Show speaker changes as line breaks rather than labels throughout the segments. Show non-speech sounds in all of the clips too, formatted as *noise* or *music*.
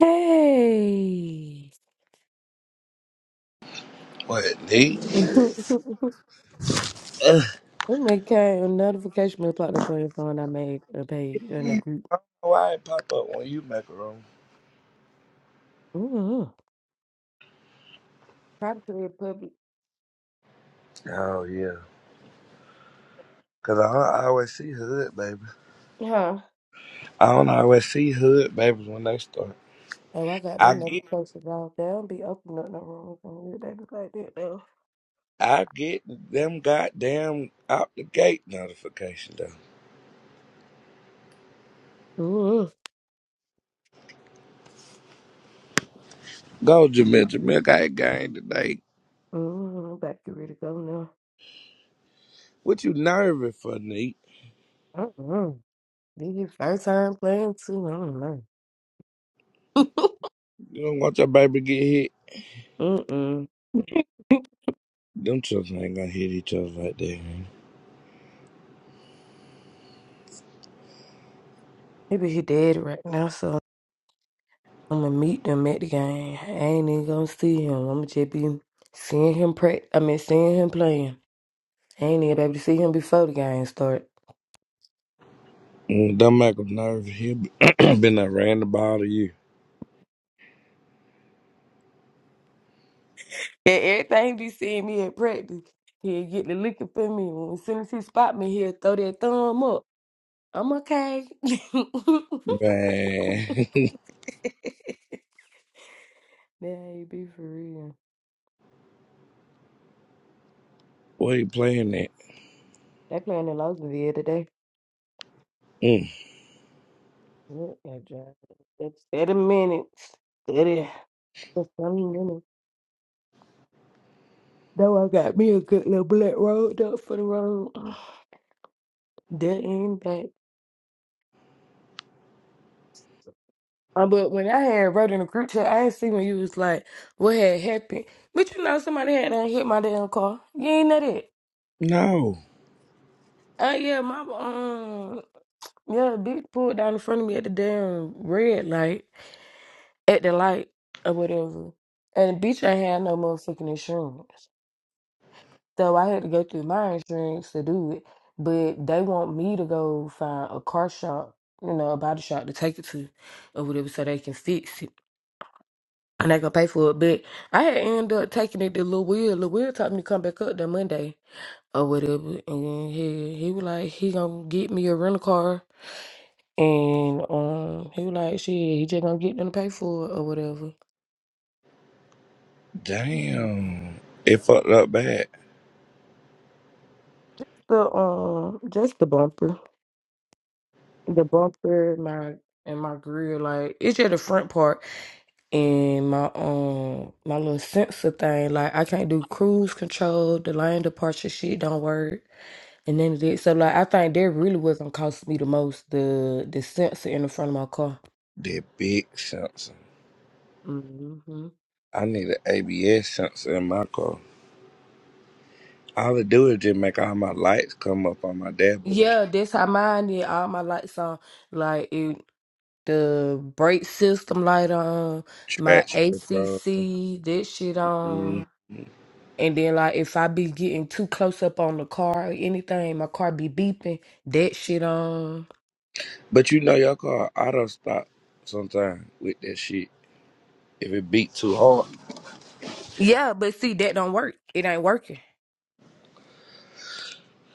Hey.
What,
*laughs*
Nate?
oh
Ugh.
my god, a notification will pop up on your phone. I made a page in a group.
Why it pop up when you make a room?
Ooh. Probably a public.
Oh, yeah. Because I don't always see hood baby.
Huh.
I don't always see hood babies when they start.
Oh, I got
I
them
get
notifications off. They don't be opening up no rooms on here. They be like that though.
I get them goddamn out the gate notification, though.
Ooh.
Go, Jamil. Jamil got a game today.
Ooh. I'm about to get ready to go now.
What you nervous for, Nate?
Uh-uh. This is your first time playing too. I don't know. *laughs*
You don't want your baby to get hit?
Mm-mm.
Them children ain't gonna hit each other like that, man.
Maybe he dead right now, so I'm gonna meet them at the game. I ain't even gonna see him. I'm gonna just be seeing him pray. I mean, seeing him playing. I ain't even able to see him before the game start.
Mm, Don't make them nervous. He *clears throat* been I ran the ball to you.
Yeah, everything be seeing me at practice. He'll get the looking for me. as soon as he spot me, he'll throw that thumb up. I'm okay. *laughs*
Man,
Yeah, he be for real.
*laughs* where you playing at?
They playing in Lawsonville today.
Mm.
What a drive. That's 30 minutes. 30. That's 20 minutes. Though I got me a good little black road up for the road. That impact. Uh, but when I had wrote in the group chat, I ain't see when you was like, what had happened. But you know, somebody had done hit my damn car. You ain't know that.
No.
Uh, yeah, my, um, yeah, bitch pulled down in front of me at the damn red light, at the light or whatever. And the bitch ain't had no motherfucking insurance. So I had to go through my insurance to do it. But they want me to go find a car shop, you know, a body shop to take it to or whatever so they can fix it. I'm not gonna pay for it, but I had ended up taking it to Lil Will. Lil Will told me to come back up that Monday or whatever, and he he was like he gonna get me a rental car, and um he was like shit he just gonna get them to pay for it or whatever.
Damn. It fucked up bad.
So um just the bumper, the bumper, my and my grill, like it's just the front part and my um my little sensor thing. Like I can't do cruise control, the lane departure shit don't work. And then they, so like I think that really was gonna cost me the most the the sensor in the front of my car.
That big sensor.
hmm
I need an ABS sensor in my car. All it do is just make all my lights come up on my dashboard.
Yeah, that's how mine did. All my lights on, like it, the brake system light on, my
Traction control.
ACC that shit
Mm.
on, and then like if I be getting too close up on the car or anything, my car be beeping that shit on.
But you know your car auto stop sometime with that shit. If it beat too hard.
Yeah, but see that don't work. It ain't working.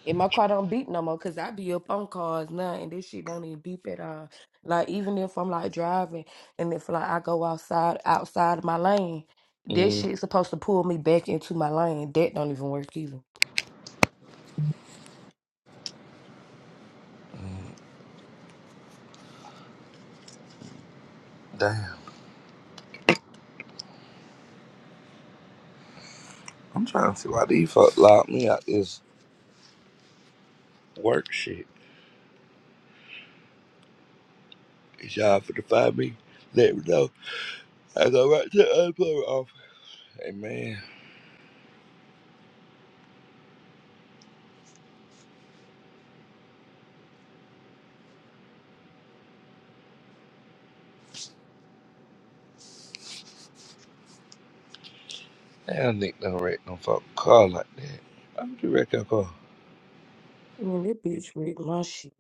And my car don't beep no more because I be up on cars now and this shit don't even beep at all. Like even if I'm like driving and if like I go outside outside of my lane, this
Mm.
shit's supposed to pull me back into my lane. That don't even work either.
Damn. I'm trying to see why these fuck locked me out this work shit. Is y'all for to find me? Let me know. I go right to the unemployment office. Hey man. Damn, Nick don't wreck no fucking car like that. Why would you wreck your car?
I mean that bitch ripped my shit.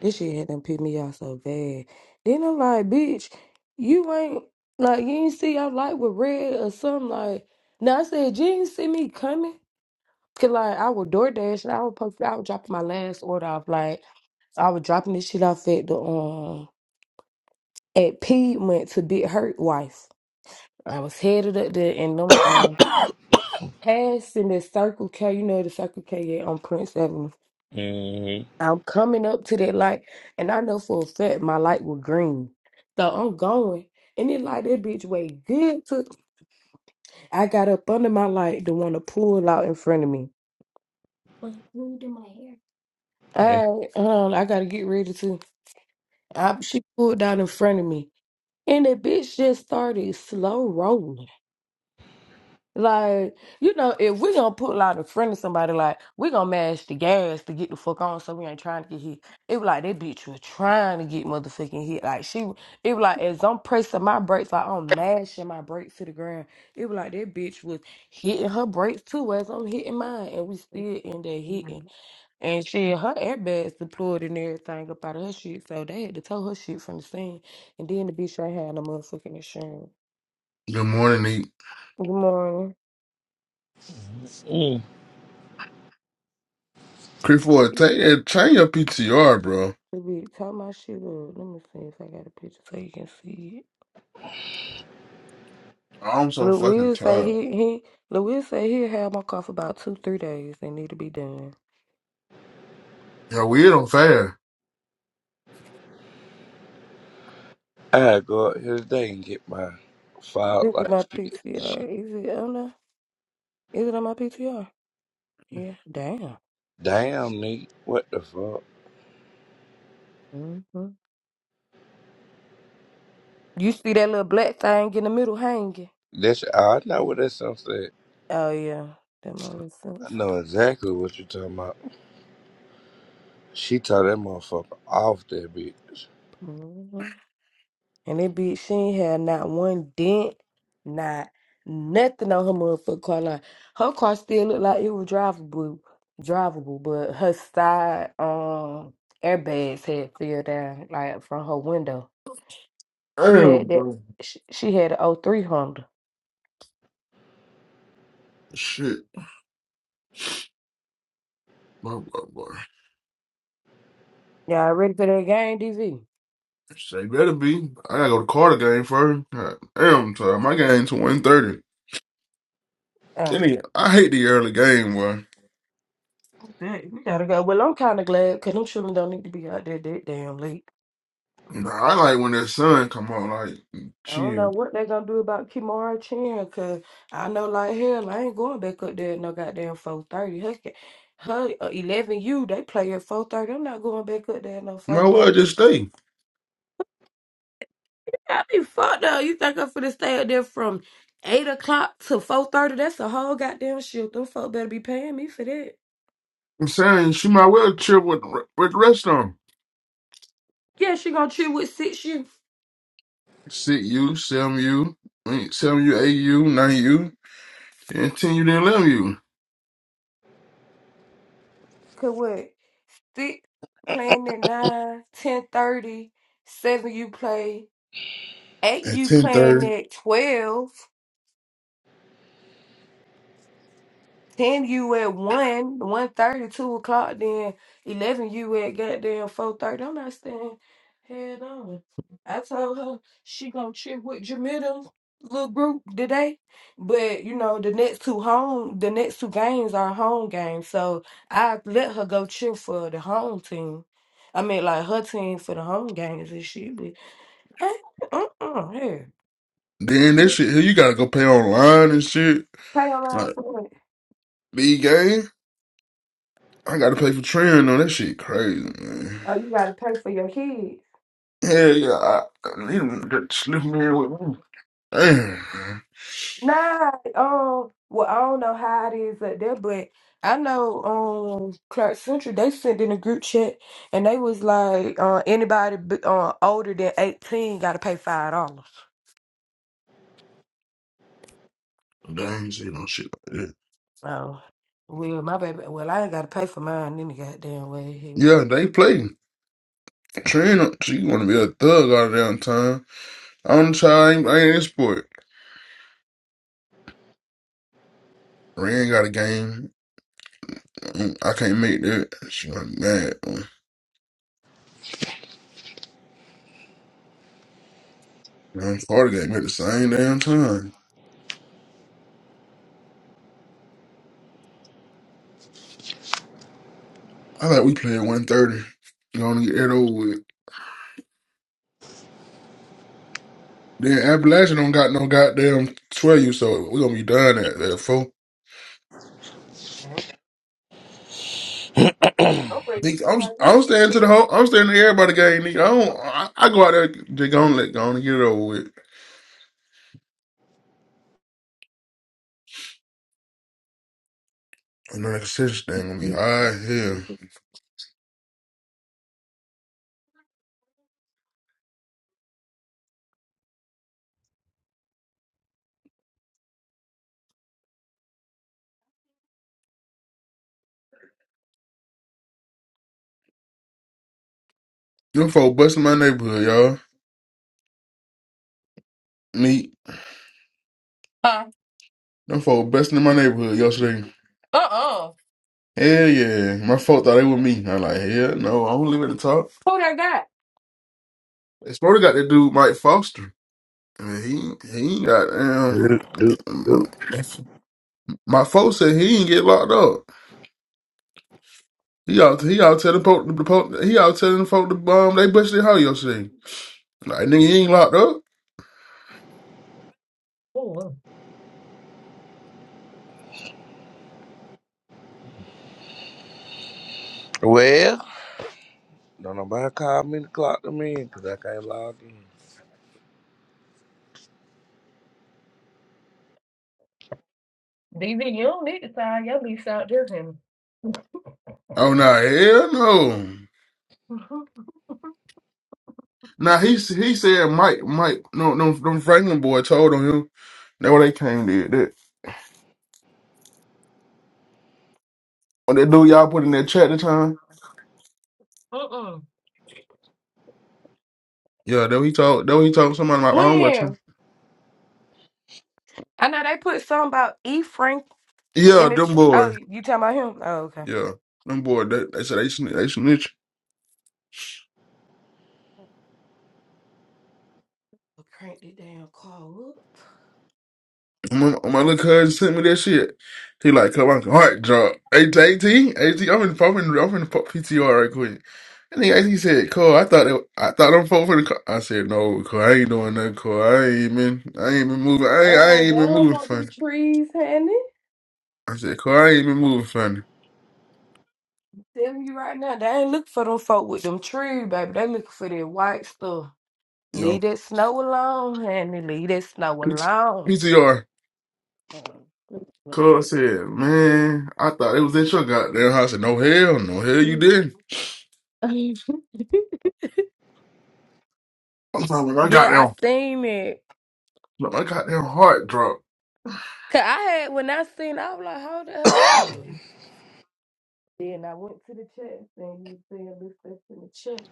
This shit had done pissed me off so bad. Then I'm like, bitch, you ain't like you ain't see I light with red or something like now I said you ain't see me coming. Cause like I was DoorDash and I was supposed I was dropping my last order off like I was dropping this shit off at the um at Piedmont to Big Hurt Wife. I was headed up there and them
*coughs*
um passing the Circle K, you know the Circle K yeah, on Prince Avenue.
Mm-hmm.
I'm coming up to that light and I know for a fact my light was green. So I'm going and it like that bitch way good to I got up under my light to want to pull out in front of me. But let me do my hair. All right, hold on, I gotta get ready to I, she pulled out in front of me. And the bitch just started slow rolling. Like, you know, if we gonna put like a friend of somebody, like, we gonna mash the gas to get the fuck on so we ain't trying to get hit. It was like that bitch was trying to get motherfucking hit. Like she it was like as I'm pressing my brakes, like I'm mashing my brakes to the ground. It was like that bitch was hitting her brakes too as I'm hitting mine and we still in there hitting. And shit, her airbags deployed and everything up out of her shit. So they had to tow her shit from the scene. And then the bitch ain't had no motherfucking insurance.
Good morning, E.
Good morning.
Mm.
Chris Ford,
It-
take that, change your PTR, bro.
Let me tie my shit up. Let me see if I got a picture so you can see it.
I'm so
Lil
fucking
Will say
tired.
he he Lil Will say he'll have my car for about two, three days. They need to be done.
Yo, we hit on fire.
I go out here today and get my file
Look at
like
my
fixed and shit.
PTR. Is it on there? Is it on my PTR? Yeah. Damn.
Damn, Nick. What the fuck?
Mm-hmm. You see that little black thing in the middle hanging?
That's, I know what that song said.
Oh yeah. That my little
I
sister.
know exactly what you're talking about. She tore that motherfucker off that bitch.
Mm-hmm. And it be she ain't had not one dent, not nothing on her motherfucking car. Like her car still looked like it was drivable, drivable, but her side um airbags had fell down like from her window. She
Damn,
had that.
bro.
She, she had an O three Honda.
Shit. Boy, boy, boy.
Y'all ready for that game, DV?
Shit, better be. I gotta go to Carter game first. God damn, I'm tired. My game's to 130.
Uh,
Any I hate the early game, boy.
that- we gotta go. Well, I'm kind of glad because them children don't need to be out there that damn late.
Nah, I like when the sun come on, like,
I don't
chill.
know what they're gonna do about Kimara Chan, cause I know like hell I ain't going back up there at no goddamn four thirty. Her, ca- her uh, eleven U they play at four thirty. I'm not going back up there at no four
Might well
thirty.
just stay.
I be fucked up. You think I'm finna stay up there from eight o'clock to four thirty? That's a whole goddamn shift. Them folk better be paying me for that.
I'm saying she might well chill with, with the rest of them.
Yeah, she gonna chill with six you.
Sit you, some you, some you, AU, 9 you. And ten, you didn't let you.
Cause what? Six playing at nine, ten thirty, seven you play, eight
at
you
ten
playing
thirty.
at twelve. Ten you at one, one thirty, two o'clock, then eleven you at goddamn four thirty. I'm not staying head on. I told her she gonna trip with Jamila little group today. But you know, the next two home the next two games are home games. So I let her go cheer for the home team. I mean like her team for the home games and shit, but uh uh here.
Then
Pay
that shit here, you gotta go pay online and shit.
around
Like
for it.
B game, I gotta pay for training. on that shit. Crazy man.
Oh, you gotta pay for your kid.
Yeah, yeah, I, I need him to slip me in with me. Damn, man.
Nah, um, well, I don't know how it is up there, but I know um Clark Central they sent in a group chat and they was like, uh, anybody b- uh, older than eighteen got to pay five dollars.
Damn, see no shit like that.
Oh, well, my baby, well, I ain't got to pay for mine any goddamn way.
Yeah, they play.
I'm
Trend, she wanna be a thug all downtown. I'm trying, I ain't in sport. Ren got a game. Mm, I can't make that. She gonna be mad. Man, Carter game at the same damn time. I thought we play at one thirty. You thirty. Gonna get that over with. Then Appalachian don't got no goddamn twelve so we gonna be done at at four.
ready to
Nigga,
see
I'm
how this
I'm
shit
staying to the
feels.
whole I'm staying to everybody game, nigga. I don't I, I go out there They gonna let go on and get it over with. And then the consistency thing gonna be high as hell. Them folk busting my neighborhood, y'all. Me.
Huh?
Them folk busting in my neighborhood yesterday.
Uh-uh.
Hell yeah. My folk thought they were me. I'm like, hell no, I don't live at the top.
Who they got?
It's probably got that dude Mike Foster. I mean, he he ain't got damn.
Do do
My,
do.
my folks said he didn't get locked up. He out he out telling folk the po- he out telling the folk the um they busted how yesterday. Like nigga he ain't locked up.
Oh, well.
Well, don't nobody call me to clock them in because I can't log in.
DV, you don't need to sign your lease out there, then.
Oh no, hell no.
*laughs* Okay.
Now he s- he said Mike Mike no no them Franklin boy told on him. That what they came did that. When that dude y'all put in that chat the time.
Mm-mm.
Yeah, that what he told that what he told somebody about my own watching.
When? I know they put something about E. Frank
Yeah,
in the.
them
Ch- oh,
boy.
you talking about him? Oh, okay.
Yeah, them boy. They, they said they snitch. They snitching.
Crank the damn car up.
My, my little cousin sent me that shit. He like, come on, heart drop. AT, AT, AT, I'm in, I'm in, I'm in PTR right quick. And then AT said, Cole, I thought it, I thought I'm folk for the car. I said, no, Cole, I ain't doing nothing, Cole. I ain't even, I ain't even moving, I ain't, I
Oh, they
ain't even
don't
moving
want them
funny.
trees, honey.
I said, Cole, I ain't even moving funny.
Telling you right now, they ain't looking for them folk with them trees, baby. They looking for that white stuff. Leave
Yo,
that snow alone, honey. Leave that snow
PT-
alone.
PTR.
Um, let me pull up my
Cole
notes
said, man, I thought it was at your goddamn house. I said, no hell, no hell you
real
didn't.
quick. *laughs*
I'm talking about my
yeah, I
goddamn,
seen it.
my goddamn heart drop.
Cause I had when I seen, it, I was like, "Hold the hell on." Then I went to the chat and he said, "This that's in the chat."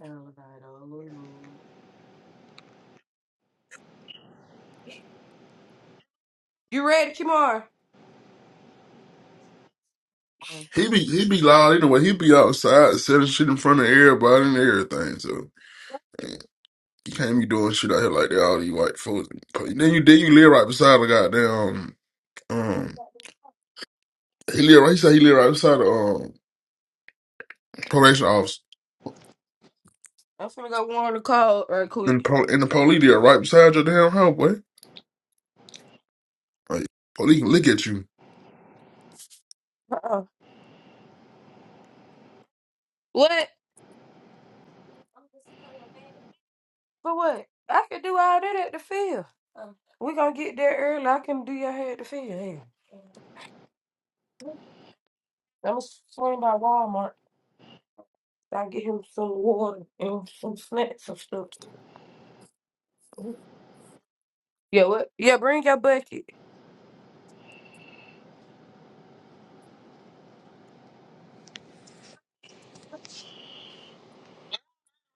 And I was like, "Oh Lord." You ready, Kimar? Yeah.
He be he be loud anyway. He be outside selling shit in front of everybody and everything. So you can't be doing shit out here like that. All these white folks. Then you then you live right beside a goddamn um. He live right. He said he live right beside the um probation office
I'm finna go warm the cold right
and
quick.
pro, and the police there right beside your damn house, boy. Like police can look at you.
Uh-uh. What? For what? I can do all that at the field. we gonna get there early. I can do your hair at the field. Yeah. I'm going to swing by Walmart. I get him some water and some snacks and stuff. Yeah, what? Yeah, bring your bucket.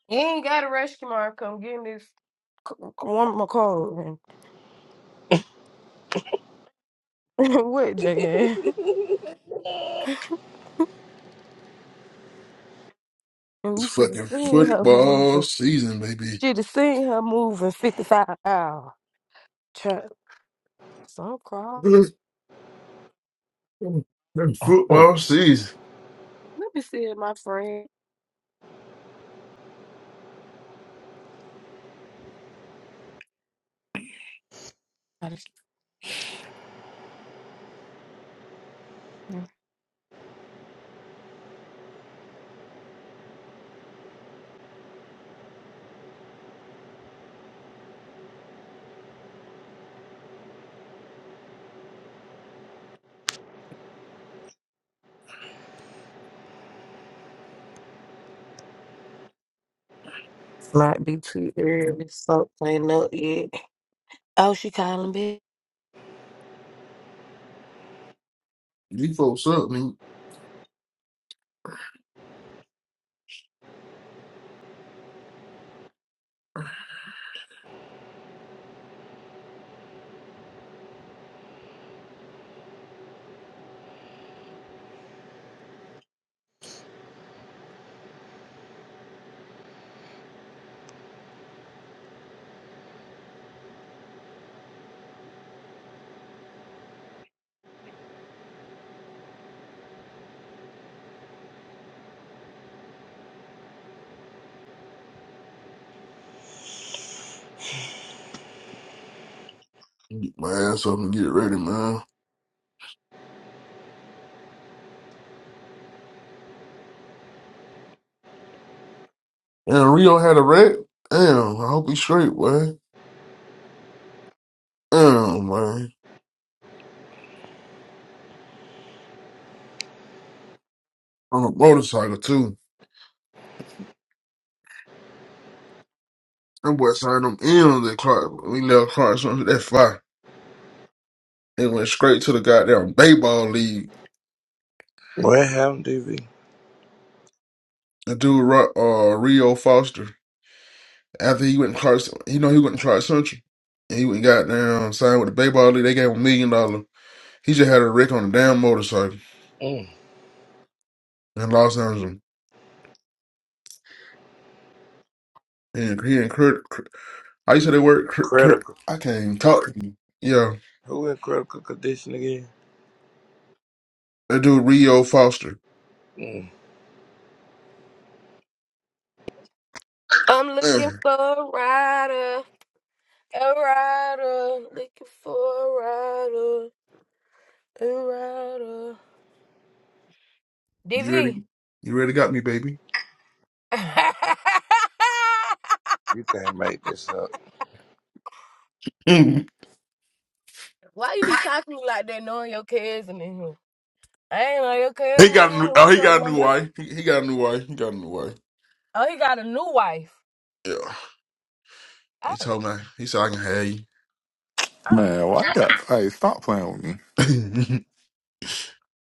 You ain't got a rush tomorrow. Come get in this c- c- one of my cars. And *laughs* what, JN? *laughs* and
It's
you should have
fucking
seen her
football
moving.
season, baby.
Should have seen her moving 55 hours. Child, So I'm crying.
*laughs* It's
Mm.
football season.
Let me see if my friend. Might be too early. Something up yet. Oh, she calling me.
You folks up, man. Get my ass up and get ready, man. And Rio had a wreck. Damn, I hope he's straight, man. Damn, man. On a motorcycle too. That boy signed them in on that Clark. We left Clark under that fire. They went straight to the goddamn baseball league.
What happened, DV?
The dude, Ro- uh, Rio Foster. After he went to Clark, he know he went to Clark Central. And he went and got down, signed with the baseball league. They gave him a million dollars. He just had a wreck on a damn motorcycle
Mm.
in Los Angeles. And he and Kurt, Kurt- I used to say that word, Kurt,
Credit
Kurt, I can't even talk to you. Yeah,
Who in critical condition again?
that dude Rio Foster.
Mm,
I'm
Uh,
looking for a rider. A rider, looking for a rider, a rider. DV.
you ready? You ready? Got me, baby.
*laughs*
you can't make this up.
Mhm.
Why you be talking to me like that knowing your cousin in here? I ain't know your
He
cousin was
got
in
a
here.
new. Oh,
What's
he
up,
got a new
Linda?
wife. He, he got a new wife. He got a new wife.
Oh, he got a new wife.
Yeah. He
Oh,
told me. He said I can have
oh.
Man, why you hey, stop playing with me.
you.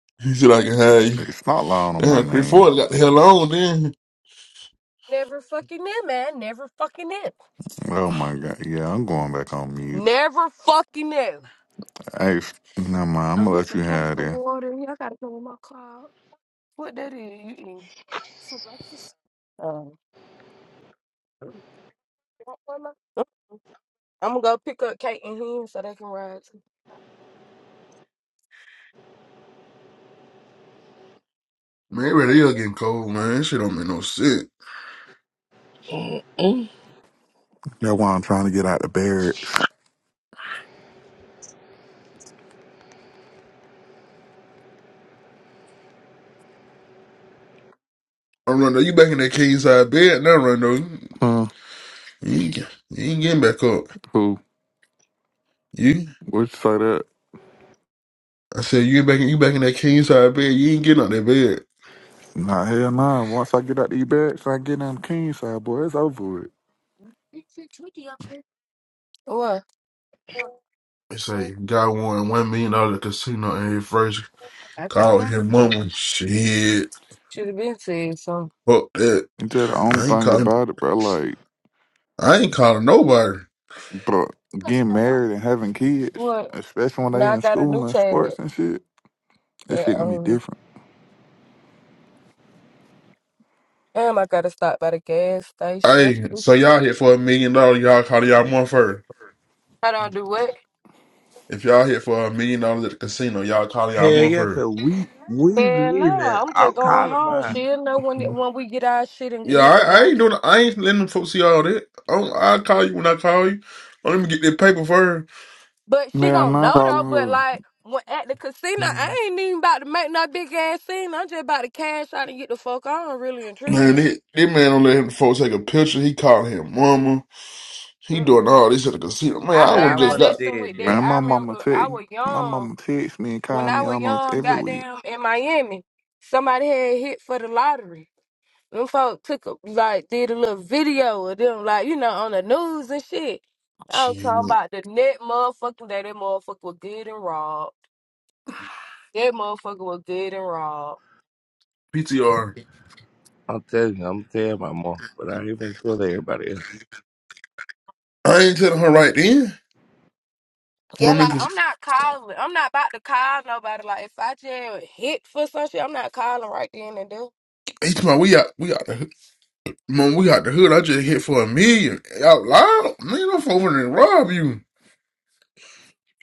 *laughs* he said I can have you.
Hey, stop lying on my
Damn, three
name.
four got the hell on then.
Never fucking knew, man. Never fucking knew.
Oh my god. Yeah, I'm going back on mute.
Never fucking knew.
Hey, s- never mind, I'm
Oh,
gonna
we
let you
should catch
have
the
it.
water. Yeah, I gotta go in my car. What that is? You eating? It's a breakfast. Oh. You want one, Ma? I'm gonna go pick up Kate and him so they can ride. too.
Man, ready is
What?
getting cold, man. That shit don't make no sense.
Mm.
That's why I'm trying to get out the barracks.
I'm running. You back in that king side bed now, Rondo.
Huh?
You ain't, you ain't getting back up.
Who?
You.
What you say that?
I said you back in you back in that king side bed. You ain't getting out that bed.
Nah, hell nah. Once I get out these barracks, I get on the king side, boy. It's over with.
They say God won one million dollar casino in his first
I can't
Called
go
his
right.
mama. Shit.
Should have been said so.
Fuck that.
And tell the only
I ain't
thing
calling
about it, bro, like,
I ain't calling nobody.
bro, getting married and having kids,
What?
especially when they
Now I
in
got a new
school and
tag.
sports and shit, this
That
shit gonna be
um,
different.
damn, I gotta stop by the gas station.
Hey, so y'all hit for a million dollars, y'all call y'all mom first.
I don't do what?
If y'all hit for a million dollars at the casino, y'all call y'all
Hell
mom
yeah,
first.
cause we we
Hell
mean
nah,
that.
I'm
I'm
just going
calling
home.
mine.
She'll know when when we get our shit and get
Yeah,
hit
I,
the
I
door.
ain't doing I ain't letting them folks see all that. I don't- I'll call you when I call you. Oh, Let me get that paper first.
But she
Yeah, I'm
gonna
not
know though.
calling
But
her.
like when at the casino, I
Man,
ain't even about to make no big ass scene. I'm just about to cash out and get the fuck on, really and truly.
that, that man don't let him folks take a picture. He calling him mama. He
Mm.
doing all this at the casino. Man,
I
I
Now
would
I
learned my
just
wasn't
got
lesson
dead
with
dead.
that.
Man,
I
my mama
remember I
text
was
my
young.
mama text me and
When
call
I
me
was
almost
young,
every week.
goddamn, in Miami, somebody had hit for the lottery. Them folk took a, like did a little video of them, like you know, on the news and shit. I'm talking
shit.
about the net motherfucking day. That motherfucker was good and robbed. That motherfucker was good and robbed.
PTR.
I'm telling you, I'm telling my mom, but I ain't even tell everybody
I ain't telling her right then.
Yeah, like
Woman
I'm not calling. I'm not about to call nobody. Like if I just hit for some shit, I'm not calling right then and there.
He talking about we out we out the hood. man, we out the hood. I just hit for a million. Out loud? Man, I'm over to rob you.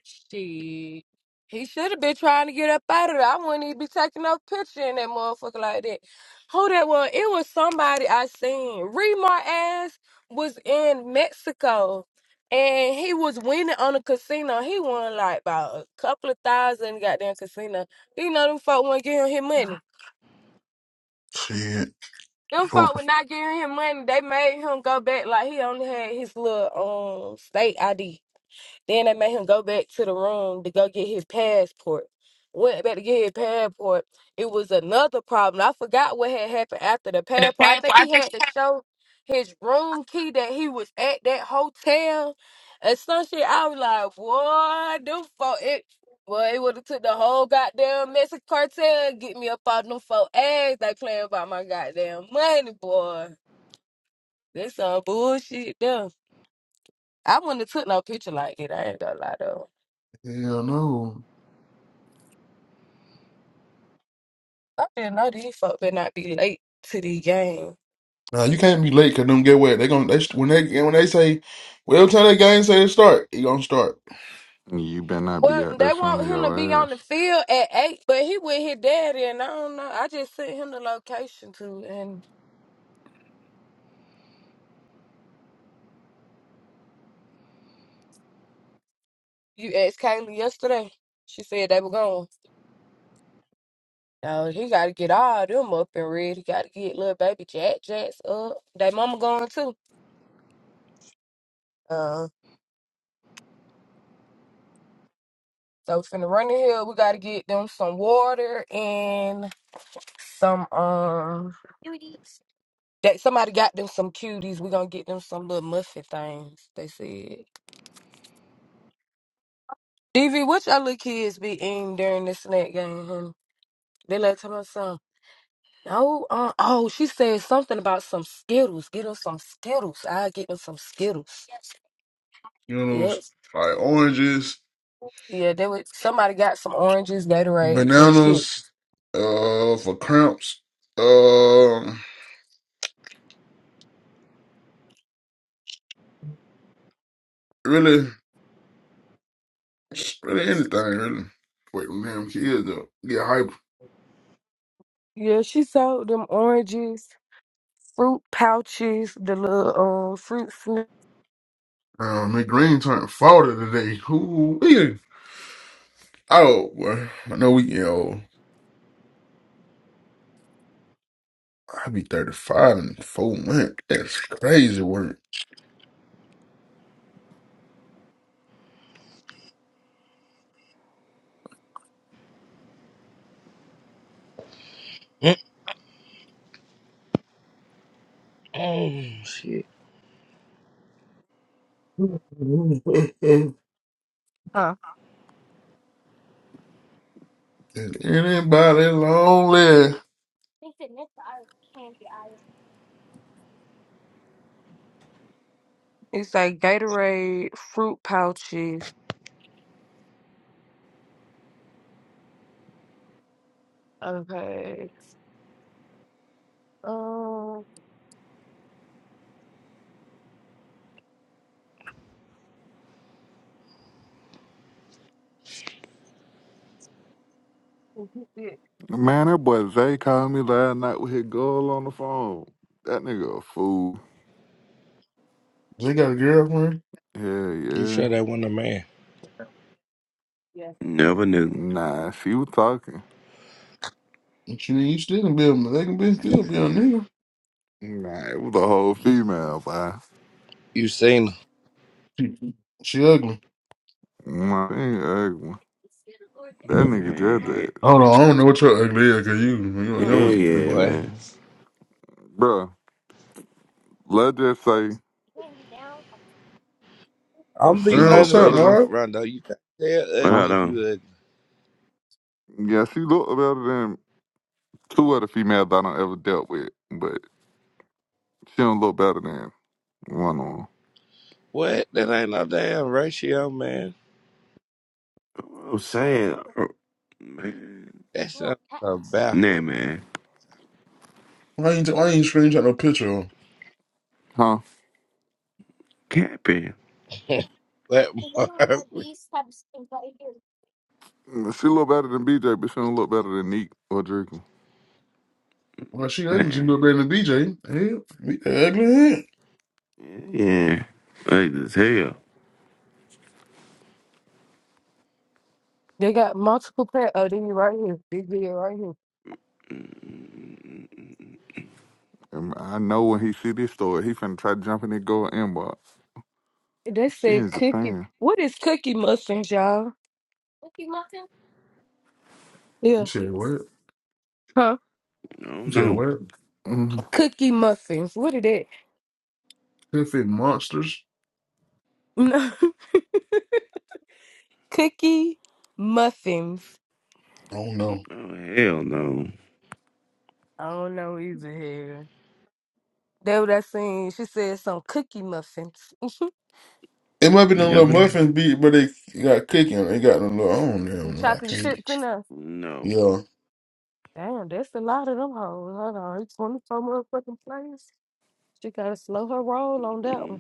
Shit. He should have been trying to get up out of there. I wouldn't even be taking no picture in that motherfucker like that. Who that was? It was somebody I seen. Remar ass was in Mexico and he was winning on a casino. He won like about a couple of thousand goddamn casino. You know them folk want to give him his money.
Shit.
Them
Oh,
folk were not giving him money. They made him go back like he only had his little um state ID. Then they made him go back to the room to go get his passport. Went back to get his passport. It was another problem. I forgot what had happened after the
And The
passport. I
past,
think
I
he
think
had
she
to
had
show his room key that he was at that hotel and some shit. I was like, what the fuck? It, well, it would have took the whole goddamn Mexican cartel and get me up out them four ass. They playing about my goddamn money, boy. That's some bullshit, though. I wouldn't have took no picture like it. I ain't gonna lie, though.
Hell no.
I didn't know these folk better not be late to the game.
Nah, you can't be late because them get wet. They gonna they when they when they say well tell that game say to start, you gonna start.
You better not be
Well,
out there
they want
showing
him to be
your
on the
ass.
field at eight, but he with his daddy, and I don't know. I just sent him the location too, and you asked Kaylee yesterday. She said they were going. No, he got to get all them up and ready. He got to get little baby Jack Jacks up. They mama going too. Uh, so finna run the hill. We got to get them some water and some um. That somebody got them some cuties. We gonna get them some little muffin things. They said. DV, what y'all little kids be eating during the snack game? honey? They like talking about some. No, uh, oh, she said something about some Skittles. Get them some Skittles. I will get them some Skittles.
You know those
Yep.
like oranges,
Yeah, they would. Somebody got some oranges, Gatorades, and shit.
bananas, uh for cramps, um really really anything really. Wait, them damn kids though. Get hyper.
Yeah, she sold them oranges, fruit pouches, the little uh, fruit. Sn-
Uh, McGreen turned 40 today. Who? Oh, well, I know we, you know, I'll be 35 in four months. That's crazy work.
else. Mm-mm, shit.
*laughs* Is anybody lonely?
it's like Gatorade fruit pouches. Okay. Um, yeah,
Man, that boy Zay called me last night with his girl on the phone. That nigga a fool.
They got a girlfriend.
Hell
You
yeah.
sure that wasn't a man?
yeah.
Never knew.
Nah, she was talking.
And she, you still can be a, they can be, still be a nigga.
Nah, it was a whole female, boy.
You seen her,
She, she ugly.
Nah, she ain't ugly. That nigga just
Man.
that.
Hold on, I don't know what your ugly is, cause you,
Yeah,
you, don't-
Mm-mm.
you don't.
yeah,
boy.
man.
Bruh, let's just say
I'm
she
be
Man,
look
what's
honest
up,
better
with you,
than,
uh,
Mark?
Rondo. You can't tell
What
huh?
I
ugly if you
done?
ugly.
Yeah, she look better than two other females I don't ever dealt with. but. She don't look better than one on.
What? That ain't no damn ratio, man.
I'm saying, oh, man.
That's a, a backward.
Nah, man.
Why ain't, why ain't screenshot no picture on?
Huh?
Capping,
That *laughs* Marvin.
She look better than BJ, but she don't look better than Neek or Draco.
Well, she ugly. She
man.
look better than DJ. Hell, we ugly. Hell.
Yeah. Like as hell.
They got multiple pla Oh, they right here. Big video right here.
Mm,
And I know when he see this story, he finna try jumping and go inbox.
They
She
said
in
cookie.
Japan.
What is cookie muffins, y'all?
You
Yeah.
said what?
Huh?
Oh,
You said
no.
what?
Mm-hmm.
Cookie muffins. What is that?
Perfect monsters.
No. *laughs* cookie muffins.
I don't know.
Oh, hell no.
I don't know either here. That what I seen. She said some cookie muffins.
It might be them little
Never knew.
muffins beat, but they got cooking. They got them little. I don't
And
know. I
chocolate chips
can't.
in there.
No.
Yeah,
Damn, that's a lot of them hoes. Hold on. It's 24 motherfucking players. She gotta slow her roll on that
Mm.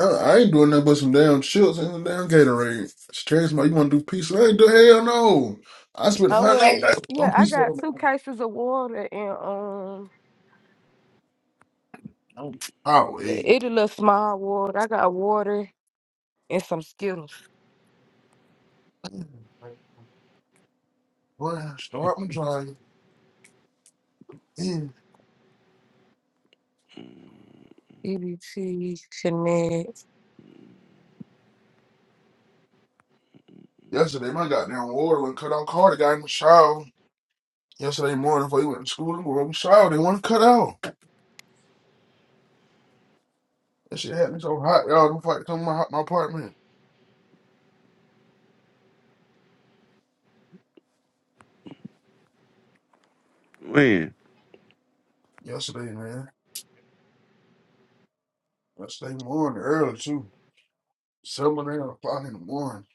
I, I ain't doing nothing but some damn chips and some damn Gatorade. It's trash. My, you want to do pizza? I ain't do hell no. I spent
Oh
hundred
well,
dollars
yeah,
on
I
pizza.
got two cases of water and um,
Oh wait,
it, it a little small water. I got water and some Skittles.
boy, start my drawing.
EBT Connect.
Yesterday, my goddamn water went cut out. Carter got in the shower. Yesterday morning, before he went to school, and went in the shower. They want to cut out. That shit had me so hot, y'all. I'm fighting come to my, my apartment.
When?
Yesterday, man. Yesterday morning, early too. Seven eight o'clock in the morning.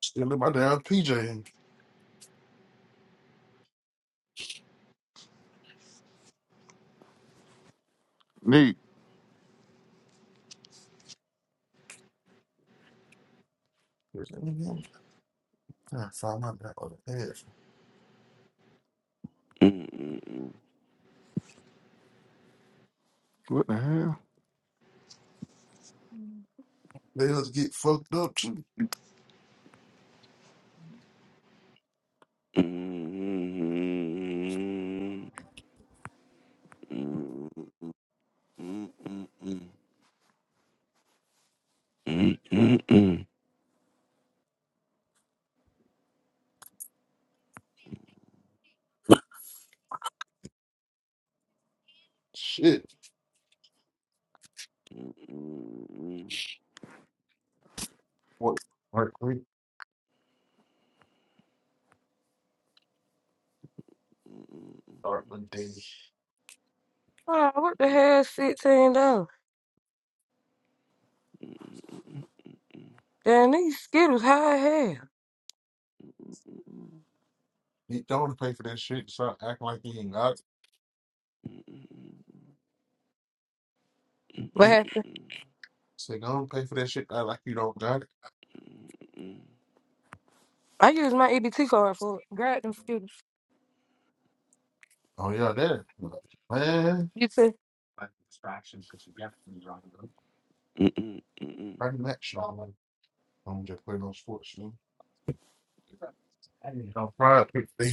Still in my damn PJ.
Neek,
I found my damn other half.
Mm-mm-mm.
what the hell?
Let us get fucked up too.
Mm-mm-mm. Mm-mm-mm. Mm-mm-mm.
Shit.
Mm-mm-mm.
What? Work quick. Start one day.
Oh, what the hell? Sixteen dollars. Damn, these Skittles high as hell.
He don't pay for that shit. Stop acting like you ain't got it.
What happened?
Say, don't pay for that shit. Act like you don't got it.
I used my EBT card for it. Grab them Skittles.
Oh, yeah, there. Man.
You said
Like distractions that you get from driving up. Pretty much. I'm just playing on sports, you know. I need help. pride.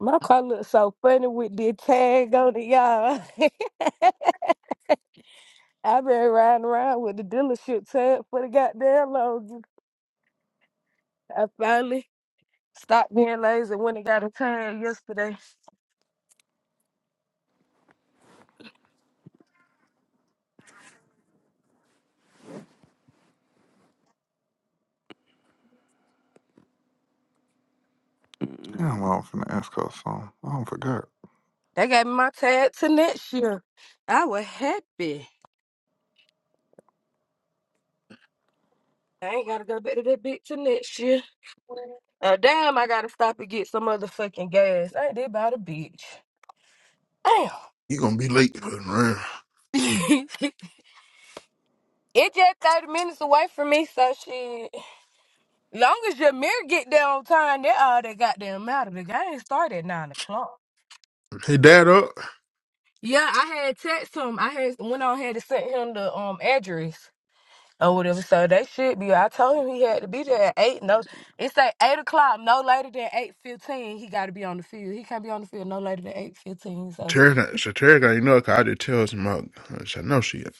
my car looks so funny with the tag on it, y'all. *laughs* I've been riding around with the dealership tag for the goddamn longest. I finally Stop being lazy when it got a tag yesterday.
Damn, I was finna ask her something. I don't forgot.
They gave me my tag to next year. I was happy. I ain't gotta go back to that bitch to next year. Uh, damn, I gotta stop and get some motherfucking gas. I ain't did about a bitch. Damn.
You gonna be late. for the round.
*laughs* it just 30 minutes away from me, so shit. Long as your mirror get there on time, that all that goddamn matter. The game started at 9 o'clock.
Hey, dad up.
Yeah, I had text him. I had went on ahead and sent him the um address. or whatever. So they should be. I told him he had to be there at eight. No, it's at eight o'clock. No later than eight fifteen. He got to be on the field. He can't be on the field no later than eight fifteen. So
Terry, so Terry got you know, cause I just tell him about. I know she. ain't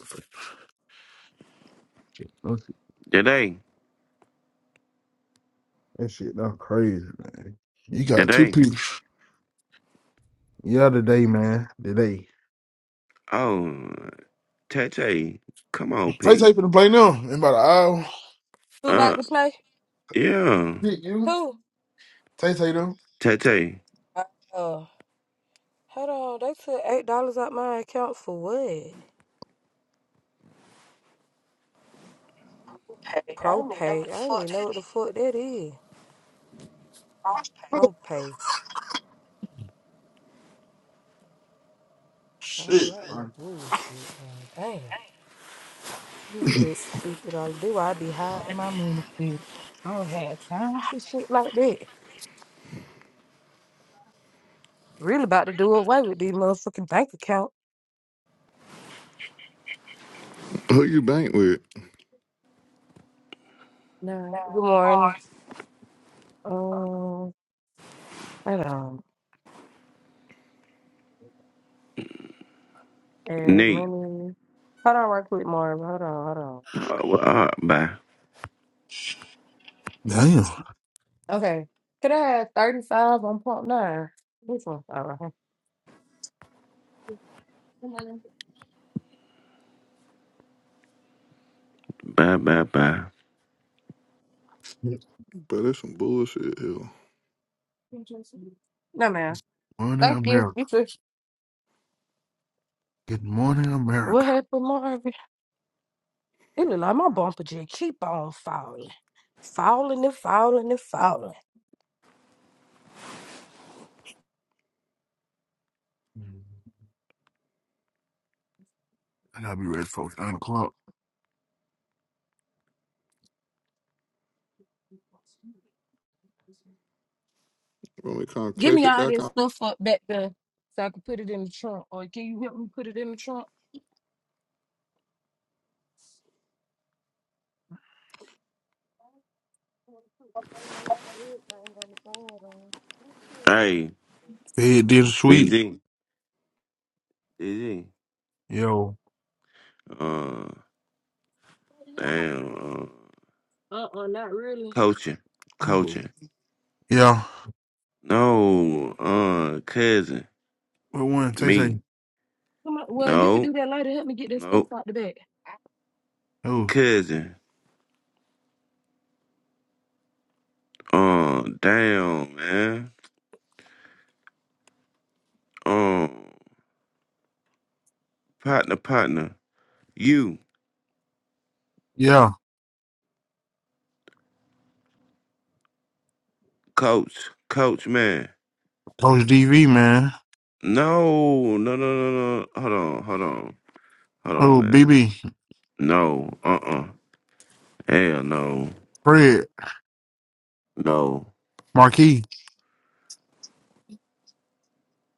shit. No, she-
Today,
That shit, not crazy, man. You got two
today.
people. Yeah, today, man. Today.
Oh, Tete, come on,
Tay
P.
Tay finna play now in about an hour.
who about
Uh,
to play?
yeah,
Hit you.
Who?
Tay Tay them.
Tete,
Uh, uh, hold on. They took eight dollars out my account for what? Propay. I don't even know what the fuck that is.
Oh,
Propay. I don't
shit.
like no bullshit, honey. Damn. Who put fifty dollars? Do I be high in my money? Bitch. I don't have time for shit like that. Really about to do away with these motherfucking bank account.
Who you bank with?
No, good morning. Um, hold on. Add
Nate.
money. Hold on, right quick, Marvin. Hold on, hold
Oh, well, all right, bye,
Damn.
on. Okay, could I have thirty-five on point nine? This one, all right.
bye, bye, bye.
Good
But it's some bullshit here.
No, man.
morning,
Thank you. You
America.
too.
Good morning,
What
America.
happened, Marvin? It look like my bumper just keep on falling, falling and falling and falling.
I gotta be ready for nine o'clock.
When we come
Give me
clip it
all
back
this
on.
stuff up back there so I can put it in the trunk. Or can you help me put it in the trunk?
Hey,
Fed did a sweet.
VG, VG.
Yo.
Uh, damn. Uh,
Uh-uh, not really.
coaching,
Oh,
coaching.
Yeah.
No, uh, cousin,
What one? Tay Tay.
me.
Come on. Well, you can
No,
do that later. Help me get this stuff
no,
out the back.
Who?
cousin. Uh, damn, man. Um, partner, partner, you,
Yeah,
coach, coach, man.
Coach DV, man.
No, no, no, no, no. Hold on, hold on, hold on,
Oh,
man.
BB,
No, uh, uh Hell no,
Fred,
no,
Marquis,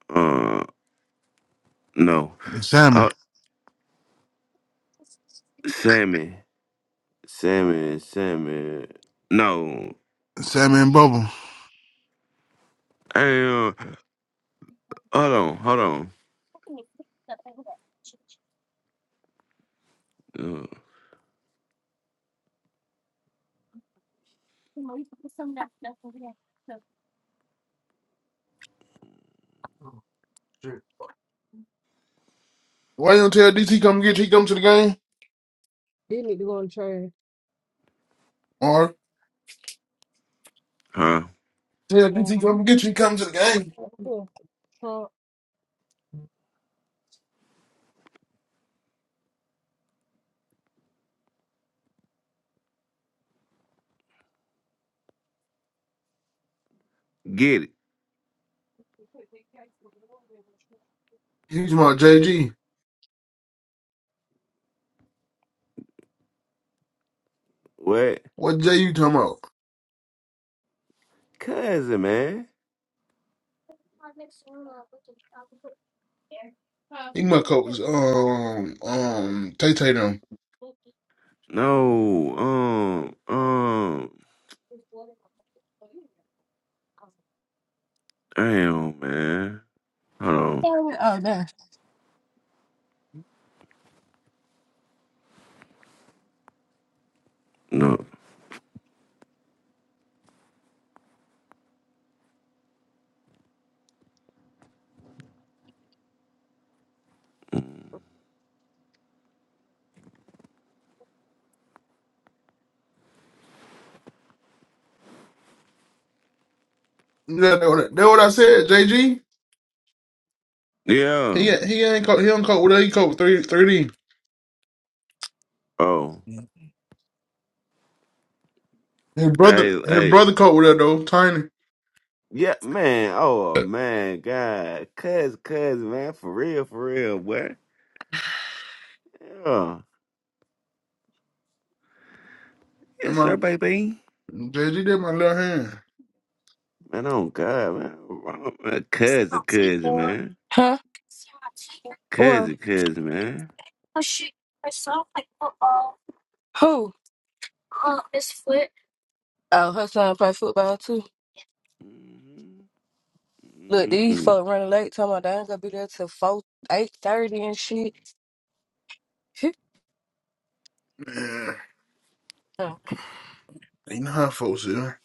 uh, no.
Sammy,
Uh, Sammy, Sammy, Sammy. No.
Sammy and Bubble.
Hey, uh, hold on, hold on. Uh,
Oh, Shit. Why you don't tell DT come get you? He come to the game,
They need to go in the trash.
or
huh?
tell
Yeah.
DT come get you? He come to the game.
Yeah. Huh?
Get it?
He's my JG.
What?
What J you talking about?
Cousin, man.
He my coach. Um, um, Tay Tay them.
No. Um. Um. Damn, man. Hold on.
Oh, no.
No.
Yeah, that what, that what I said. JG.
Yeah.
He ain't- he ain't coach. He don't coach with that. He coach three three D.
Oh.
His brother,
Hey,
his
hey.
brother coach with that though. Tiny.
Yeah, man. Oh, man. God. Cuz, cuz, man. For real, for real, boy. Yeah.
And
Yes,
my
sir, baby.
JG did my little
Man, oh, God, man. Wrong, man. Cuz, cuz, man.
Huh?
Cuz,
Well,
cuz, man.
who? Oh, her son play football too.
Mm-hmm.
Look, these
Mm-hmm.
folk running late. Talking about they ain't gonna be there till four, eight thirty and shit.
hand.
*laughs*
You know how folks are.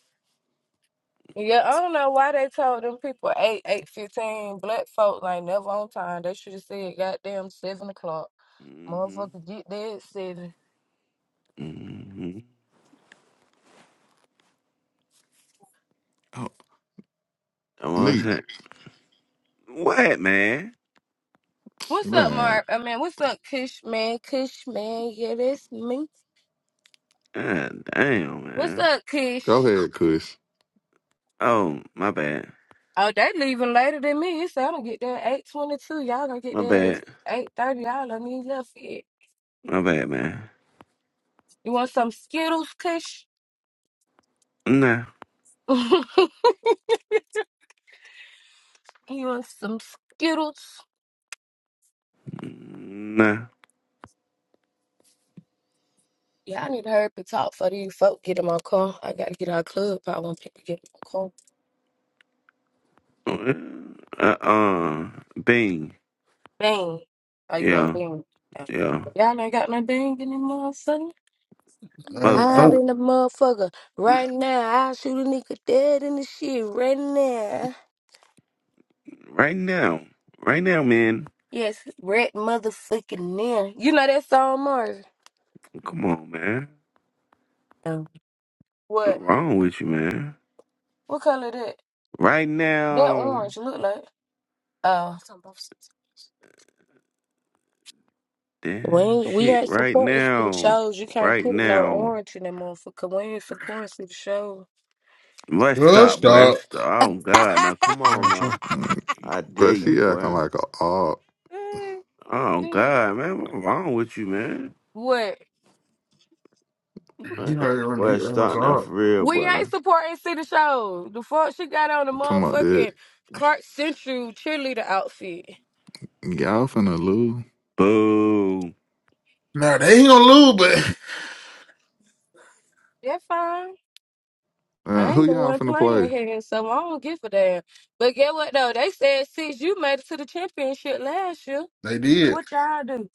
Yeah, I don't know why they told them people eight, eight fifteen. Black folk like never on time. They should have said goddamn seven o'clock. Motherfucker,
Mm-hmm.
get there at seven.
Mm-hmm.
oh.
I'm all
Neek,
set. What, man?
What's up,
man.
Mark? I mean, what's up, Kish man? Kish man, yeah, that's me.
God damn,
What's
man.
up,
Go
Kish?
ahead, Kush.
Oh, my bad.
Oh, they leaving later than me. You said I'm gonna get there at eight twenty two. Y'all gonna get
My
there at
bad.
eight thirty. Y'all don't need left yet.
My bad, man.
You want some Skittles, Kish? *laughs*
Nah.
you want some Skittles?
Nah.
Yeah, I need to hurry up and talk for these folk get in my car. I gotta get out of club if I want people to get in my car.
Uh, uh, Bing.
Bang. Are you gonna
Yeah,
bang?
yeah.
Y'all ain't got no bang in the motherfucker.
Uh, I
I
Motherfucker,
don't.
been the motherfucker right now. I shoot a nigga dead in the shit right now.
right now. Right now, man.
Yes, red motherfucking now. You know that song, Mars?
Come on, man.
No.
What's
What?
wrong with you, man?
What color that?
Right
That
now.
orange look like? Oh. We
Damn
ain't, we
shit,
ain't
right
supporting for the
now.
shows. You can't
Right
put no
now.
orange in that motherfucker. We ain't supporting for the show.
Let's
Well,
stop, boy.
stop.
Stop. Oh, God. Now, come on,
Uh,
now.
Mm,
I dare
But
you,
she acting
boy.
like a odd.
*laughs*
Oh, God, man. What's wrong with you, man?
what?
You
man
heard it when
boy,
he earned my
stop now, for
call.
real,
We
boy.
ain't supporting city shows. The fuck she got on the
Talking about
motherfucking
that.
Clark Central cheerleader outfit.
Y'all finna lose.
Boo.
Now they ain't gonna lose, but
That's fine. I
Uh, who
ain't the
y'all
one
finna
playing
play?
here, so I don't give a damn. But get what though? They said since you made it to the championship last year,
*laughs* they did.
what y'all do?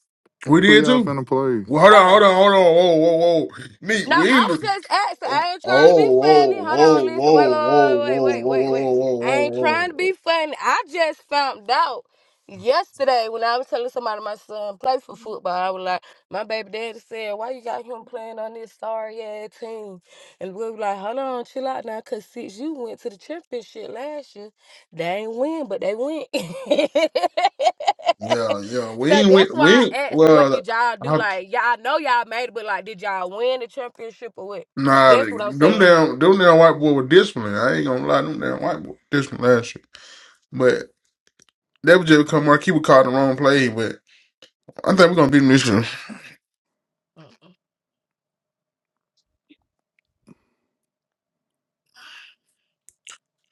We
Who
did
y'all
too.
finna play?
Well, hold on,
Oh.
hold on, hold on. Whoa, whoa, whoa. Me,
No,
we
I
ain't
was
lose.
just asking.
Oh,
I ain't trying to be
oh, whoa,
funny. Hold
whoa,
on, listen. Wait,
whoa, whoa,
wait,
whoa,
wait, wait,
whoa,
wait, wait, wait.
whoa, whoa,
I
whoa,
ain't
whoa.
trying to be
whoa.
funny. I just found out yesterday when I was telling somebody my son play for football. I was like, my baby daddy said, why you got him playing on this sorry ass team? And we were like, hold on, chill out now, cause since you went to the championship last year, they ain't win, but they went. *laughs*
Yeah, yeah. We
So
ain't win.
that's
We
why I
ain't.
asked, what
Well,
did y'all do?
I,
Like, y'all know y'all made it, but like, did y'all win the championship or what?
nah.
That's what I'm
Them
saying.
damn, them damn white boy with discipline. I ain't gonna lie. Them damn white boy with discipline last year, but. That was just because Marquis was caught the wrong play, but. I think we're gonna beat him this year.
Mm-mm.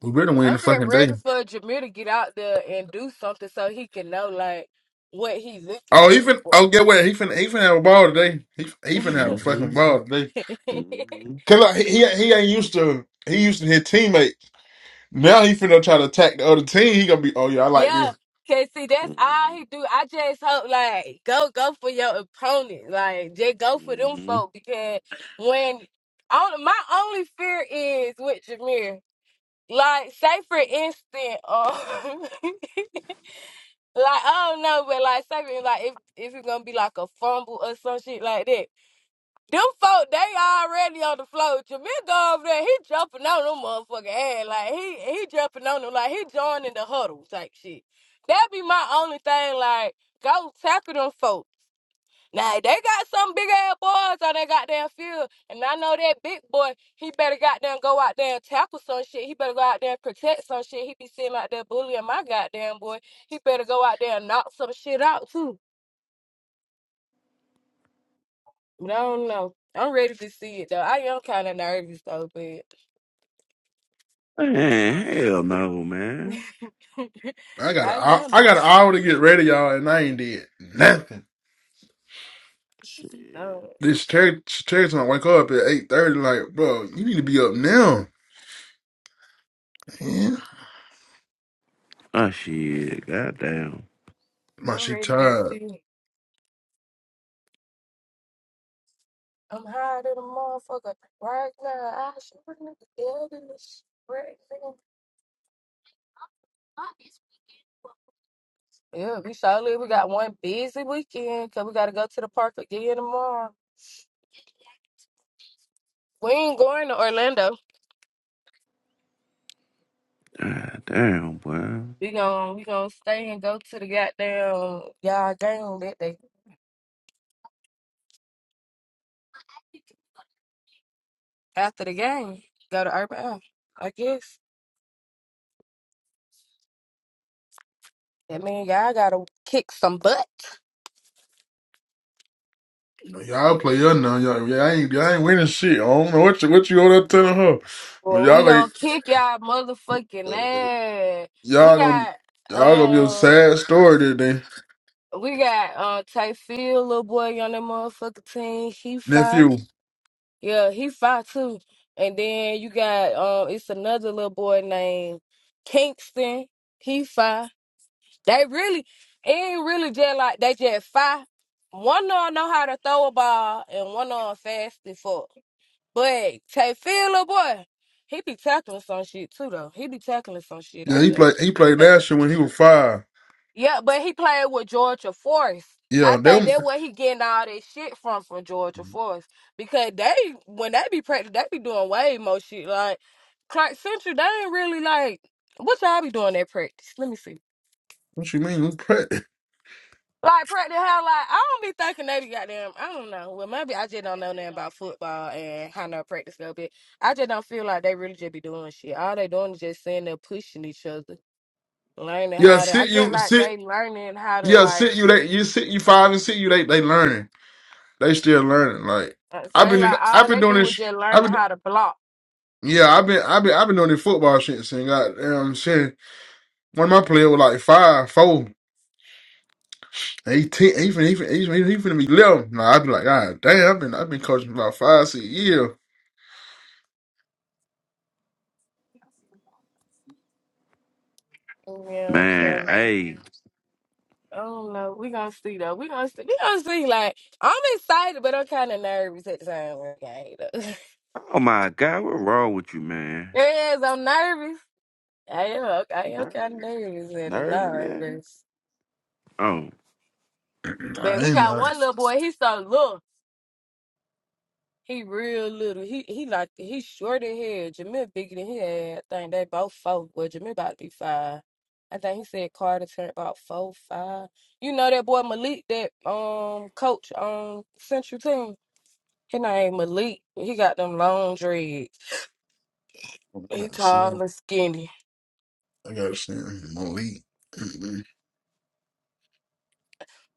We better win
I'm
the
just
fucking day.
ready for Jameer to get out there and do something so he can know like what he's looking
Oh, he
at
fin.
for.
Oh, get what? He fin. He finna have a ball today. He he fin have a
hmm
fucking ball today.
*laughs*
Mm-hmm.
Cause like, he he he ain't used to. He used to his teammate. Now he finna try to attack the other team. He gonna be. Oh yeah, I like
yeah,
this.
cause see, that's
Mm-hmm.
all he do. I just hope like go go for your opponent, like just go for them
Mm-hmm.
folk because when on, my only fear is with Jameer. Like, say for instance, um, *laughs* like I don't know, but like say for like if if it's gonna be like a fumble or some shit like that, them folk they already on the floor. Jamin go over there, he jumping on them motherfucking ass, like he he jumping on them, like he joining the huddle type shit. That be my only thing, like go tackle them folk. Now they got some big ass boys on that goddamn field, and I know that big boy. He better goddamn go out there and tackle some shit. He better go out there and protect some shit. He be sitting out there bullying my goddamn boy. He better go out there and knock some shit out too. But I don't know. I'm ready to see it though. I am kind of nervous though, but
Man,
um,
hell no, man.
*laughs*
I got a.
I
I,
am
I got an
nervous.
hour to get ready, y'all, and I ain't did nothing.
Shit.
though.
This church church gonna wake up at eight thirty. Like, bro, you need to be up now. Yeah.
Oh shit. Goddamn.
My
I'm
shit
ready to see
tired.
it. I'm high to the motherfucker right now. I should bring the dead in this shit. right now. Yeah, we surely we got one busy weekend because we got to go to the park again tomorrow. We ain't going to Orlando.
Goddamn, boy.
We gonna we gonna stay and go to the goddamn y'all game that day after the game. Go to Urban Air, I guess. That mean y'all gotta kick some butt.
Y'all play her now. Y'all, yeah, I ain't. I ain't winning shit. I don't know what you what you over there telling her. But
Well, we
y'all like.
gonna kick y'all motherfucking ass. We
Y'all gonna
got
y'all gonna get a
um
sad story today.
we got uh Tay Field, little boy on that motherfucking team. He fine.
Nephew.
Yeah, he five too. And then you got um it's another little boy named Kingston. He five. They really it ain't really just like they just five. One of 'em know how to throw a ball and one of 'em fast as fuck. But Tay little boy, he be tackling some shit too though. He be tackling some shit
Yeah,
out
he
there.
played he played last year when he was five.
Yeah, but he played with Georgia Force. I
Yeah,
think
them
that's where he getting all that shit from from Georgia Force because they when they be practicing, they be doing way more shit. Like Clark Central, they ain't really like what y'all be doing at practice. Let me see.
what you mean? Who's pre-
Like practice how like I don't be thinking they be goddamn I don't know. Well maybe I just don't know nothing about football and how no practice go but I just don't feel like they really just be doing shit. All they doing is just sitting there pushing each other. Learning
yeah,
how to I
sit
get
you
like they
sit
learning how to
yeah,
like
sit you they you sit you five and sit you they they learning. They still learning. Like
Uh, So
I've
they
been in,
like all
I've been
they
doing
do was
this
just
I've
learning
been
how to block.
yeah, I've been I've been I've been doing this football shit since goddamn shit. One of my players was like five, four, eighteen, he finna, he finna, he finna, he finna be eleven. Nah, I'd be like, God damn, I've been I've been coaching about five, six years.
Yeah,
Man,
so
hey.
I don't know. We gonna see though. We gonna see. We gonna see. Like I'm excited, but I'm kind of nervous at the same time. Okay, *laughs*
Oh my god, what wrong with you, man?
yes, I'm nervous. I am. I am kind of
Nervy?
nervous at the
Nervy,
line,
man?
but
Oh,
Nah,
but
I
we
ain't
got
know.
one little boy. He's so little. He real little. He he like he's short in hair. Jamil bigger than he had. I think they both four. Well, Jamil about to be five. I think he said Carter turned about four, five. You know that boy Malik, that um coach on Central Team. His name Malik. He got them long dreads.
I
He
gotta
tall
send.
and skinny.
I gotta send Malik.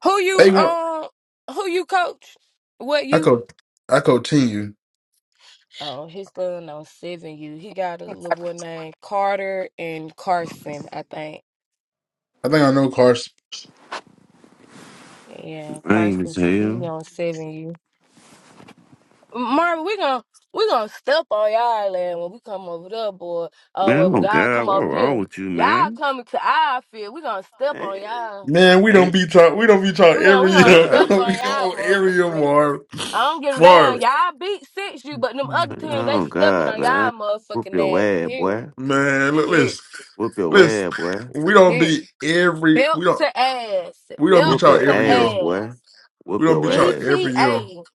Who you
They want.
um who you coach? What
I
you?
co. I continue.
Oh, his son on seven U. He got a little boy named Carter and Carson, I think.
I think I know Carson.
Yeah,
I ain't even
Carson, he
tell.
gonna seven you. Marvin, we gonna we gonna step on y'all land when we come over there, boy. Oh, well,
Man, oh
when y'all
god,
come
what
over
wrong
here,
with you,
y'all
man?
coming to our field. We gonna step on
Hey,
y'all.
Man, we don't
hey.
be talk. We don't be talk
We gonna we
every
Oh
gonna
year. *laughs*
god,
step on
We don't be on
y'all,
every
motherfucking
year,
land.
Marv.
I don't give a damn.
Marv.
Y'all beat six you, but them other
man.
team
Man,
they
Oh
stepping
god,
on y'all,
man. Whoop
motherfucking
your
ass.
ass,
Period.
boy.
look,
Period.
listen,
Whoop your
listen.
ass, boy.
We don't
Period.
be every.
Belt
We don't.
to ass.
We don't be
Belt
Whoop
talk
your
every
to
year.
ass, boy.
ass.
We
Whoop
don't be
your
talk
ass.
every year.
BTA.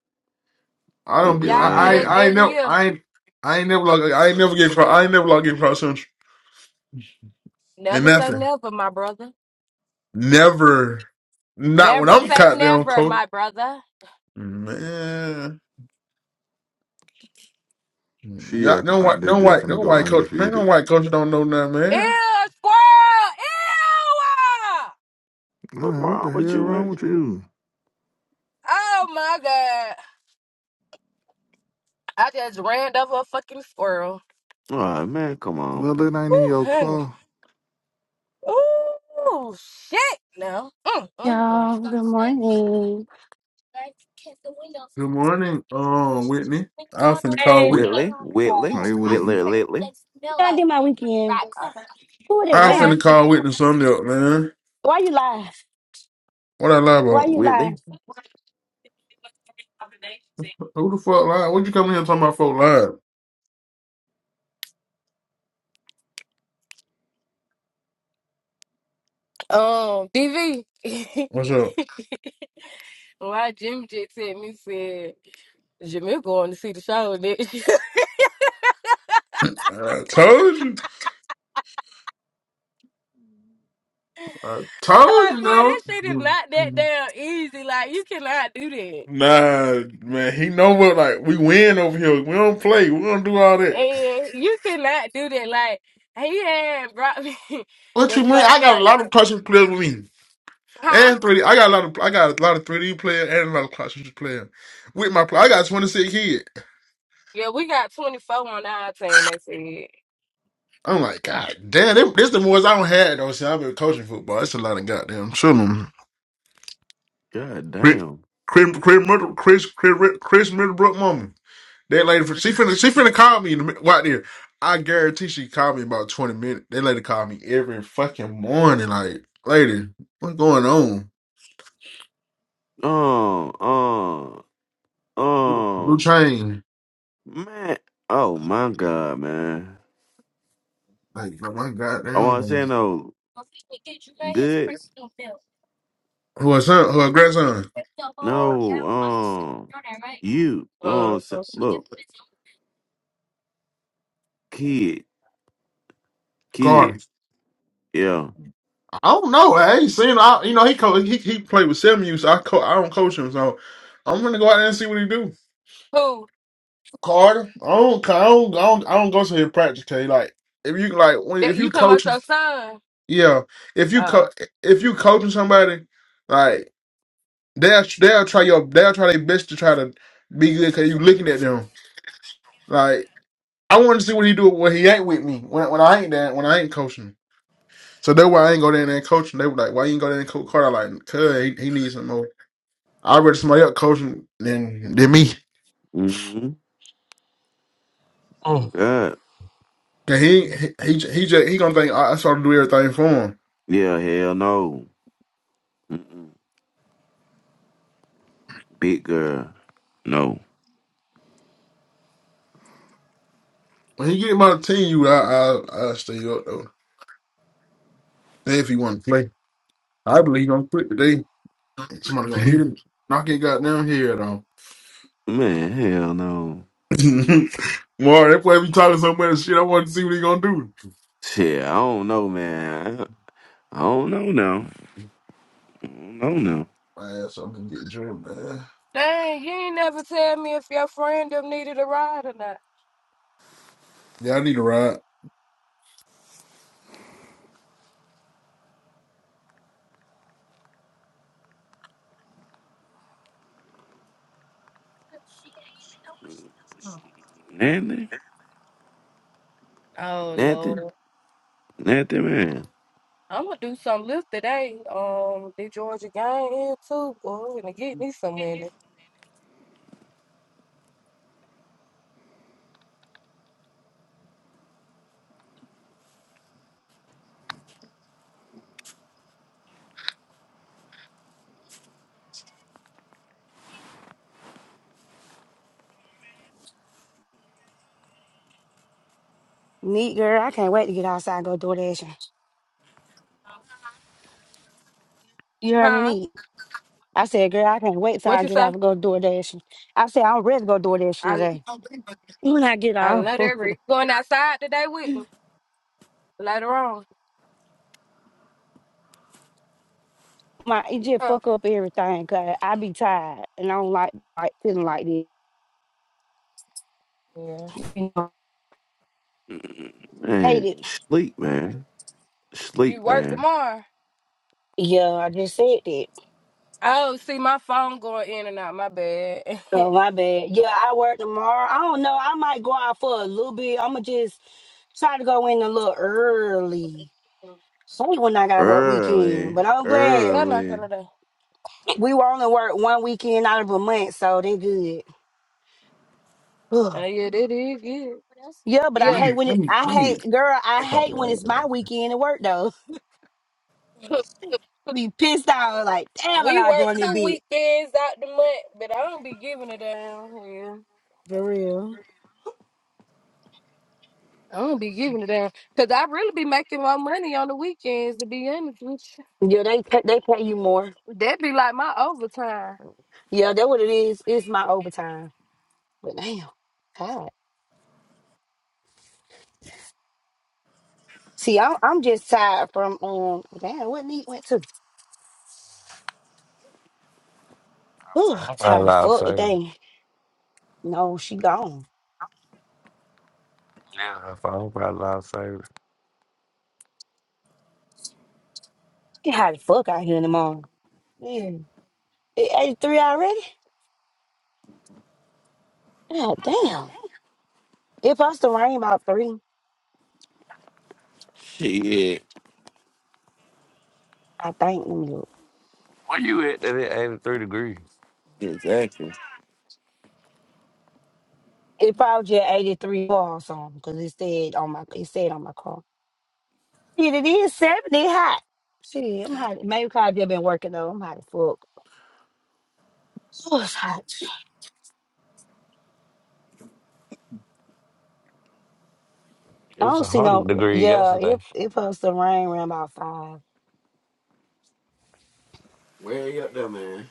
I don't
Whoop
be.
your
Y'all beat
I. I.
ass.
us
I ain't
every
never.
year.
I ain't. I ain't never log. I ain't never get. Pro, I ain't never log in Cross Central and
Never say
nothing.
never, my brother.
Never. Not when
Never
I'm
say
caught down,
never,
coach.
my brother.
Man.
She
Yeah,
acting
no
like
white,
they're
no
just
white,
finna
no
go
white coach. Man, no
undefeated.
white coach don't know nothing, man.
Ew, squirrel! Ew!
What
Man, what
wrong
the hell
with you,
wrong
man?
with you?
Oh my god. I just ran over a fucking squirrel.
All right, man. Come on,
Well,
man.
it ain't in
Ooh,
your
honey.
car.
Ooh, shit. No. Mm, mm, mm.
Y'all, good morning.
Good morning, um, Whitney. I'm finna call
Hey.
Whitney.
Yeah,
Whitley, Whitley,
Hey, Whitney.
Whitley, Whitley,
I did my weekend. Who was that?
I'm
What
Tammy.
finna
happened?
call Whitney something up, man.
Why you lie?
What I lie
Why
about?
you lie?
Whitley.
Who the fuck lied? What you come here talking about folk lied?
Um, DV. *laughs*
What's up?
Why Jim J *laughs* sent me said, Jamil going to see the show, nigga. *laughs*
I told you. I
I'm
told
like,
you,
boy, that
no.
shit is not that damn easy. Like, you cannot do that.
Nah, man, he know what, like, we win over here. We don't play. We don't do all that.
And you cannot do that. Like he had brought me *laughs*
What
the
you mean?
first
I got a
like
lot
wh-
of questions players with me.
huh?
And 3D. I got a lot of I got a lot of 3D player and a lot of cartridge player with my play. I got 26 kids.
Yeah, we got twenty four on our team, they said.
I'm like, God damn, them, this the ones I don't had though. See, I've been coaching football. It's a lot of goddamn children.
God
Chris
damn.
Chris Chris Middle- Chris, Chris, Chris Middlebrook mama. That lady she finna she finna call me in the mid- right there. I guarantee she called me about 20 minutes. That lady called me every fucking morning. Like, lady, what's going on?
Um, um,
Blue
um,
chain.
man. Oh my God, man.
Like, oh my
I want to
goddamn.
say
uh,
no good.
Who her son, who her grandson?
No, um, you. No, what
Uh,
I'm saying? look, kid, kids. Yeah.
I don't know. I ain't seen. I, you know, he co- he he played with seven youth. So I co- I don't coach him, so I'm gonna go out there and see what he do.
who?
Carter, I don't, I don't, I don't, I don't go to his practice. K. Like if you like when
That
if you
you talking about
coaching,
your son?
yeah, if you co-
Uh
if you coaching somebody, like they'll they'll try your they'll try their best to try to be good because you looking at them. Like I want to see what he do when he ain't with me when when I ain't there when I ain't coaching. So that's why I ain't go down there and coaching. They were like, why you ain't go down there and coach Carter? I'm Like, cause he, he needs some more. I'd rather somebody else coaching than than
Mm-hmm.
me.
Mm-hmm. Oh
Mm,
God.
Cause he he he he, just, he gonna think I, I started to do everything for him.
Yeah, hell no. Mm-mm. Big girl. No.
When he get him out of the team, you I I I stay up though. Then if he want to play, I believe he gonna quit today. Somebody
*laughs*
gonna hit him, knock his goddamn head off.
man, hell no.
*laughs* More that boy be talking so much shit. I want to see what he gonna do.
Shit, I don't know, man. I don't know now. I don't know
Man, so I'm gonna get drunk, man.
dang, you ain't never tell me if your friend them needed a ride or not.
Yeah, I need a ride.
now. Nothing.
Oh
Nothing.
Lord.
Nothing, man.
I'm gonna do some lift today. Um the Georgia game here too, boy. I'm gonna get me some money.
Neat girl, I can't wait to get outside and go door dashing. You heard me,
Huh?
neat. I said, girl, I can't wait till
What
I
you
get out
say?
and go door dashing. I said, I'm ready to go door dashing
I
today. When I get
I
off,
let her re-
*laughs*
going outside today with me later on.
my it just
Huh?
fuck up everything. Cause I be tired and I don't like, like feeling like this.
Yeah.
You know, hate
Man,
it.
sleep, man.
You
Sleep,
work
man.
tomorrow.
Yeah, I just said that.
Oh, see my phone going in and out. My bad. *laughs*
Oh, my bad. Yeah, I work tomorrow. I don't know. I might go out for a little bit. I'm gonna just try to go in a little early. So when I gotta work weekend,
Early.
but I'm glad
Y'all not
Early.
gonna die.
we were only work one weekend out of a month, so they good. Ugh.
Oh yeah, that is good.
yeah, but I
Let
Yeah.
hate
me
when
let
it.
me
I
let
hate, girl. I hate when it's
me.
my weekend at work though. *laughs* Be pissed off Like, damn, I
We
gotta go
work
in there
two
bit
weekends out the month, but I don't be giving it down here.
for real.
I don't be giving it down. Cause I really be making my money on the weekends to be honest with
Yeah, they pay- they pay you more.
you. That be like my overtime.
Yeah, that what it is. It's my overtime. But damn, God. See, I'm I'm just tired from um damn what need went to Whew,
I'm probably
tired as
loud,
fuck
sorry.
today. No, she gone.
Yeah, if probably hope I lost service.
Get hot as fuck out here in the morning. Yeah. It eighty three already? God damn. It supposed to rain about three,
Shit.
I think. Let me look.
Where you at? That it 83 degrees.
Exactly.
It probably just eighty three or something, because it said on my it said on my car. Shit, it is seventy hot. Shit, I'm hot. Maybe because I've just been working though. I'm hot as fuck. Oh, it's hot.
It
I
was
don't see no
100 degree
yeah,
yesterday.
it it supposed to rain around about five.
Where you up there, man?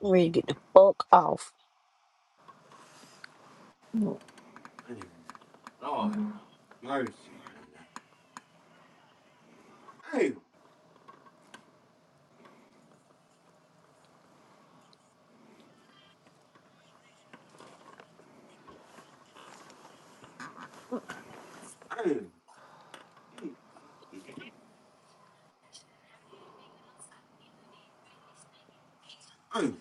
Ready to fuck off.
Man, Lord, have mercy, man. Damn, damn, mm, damn.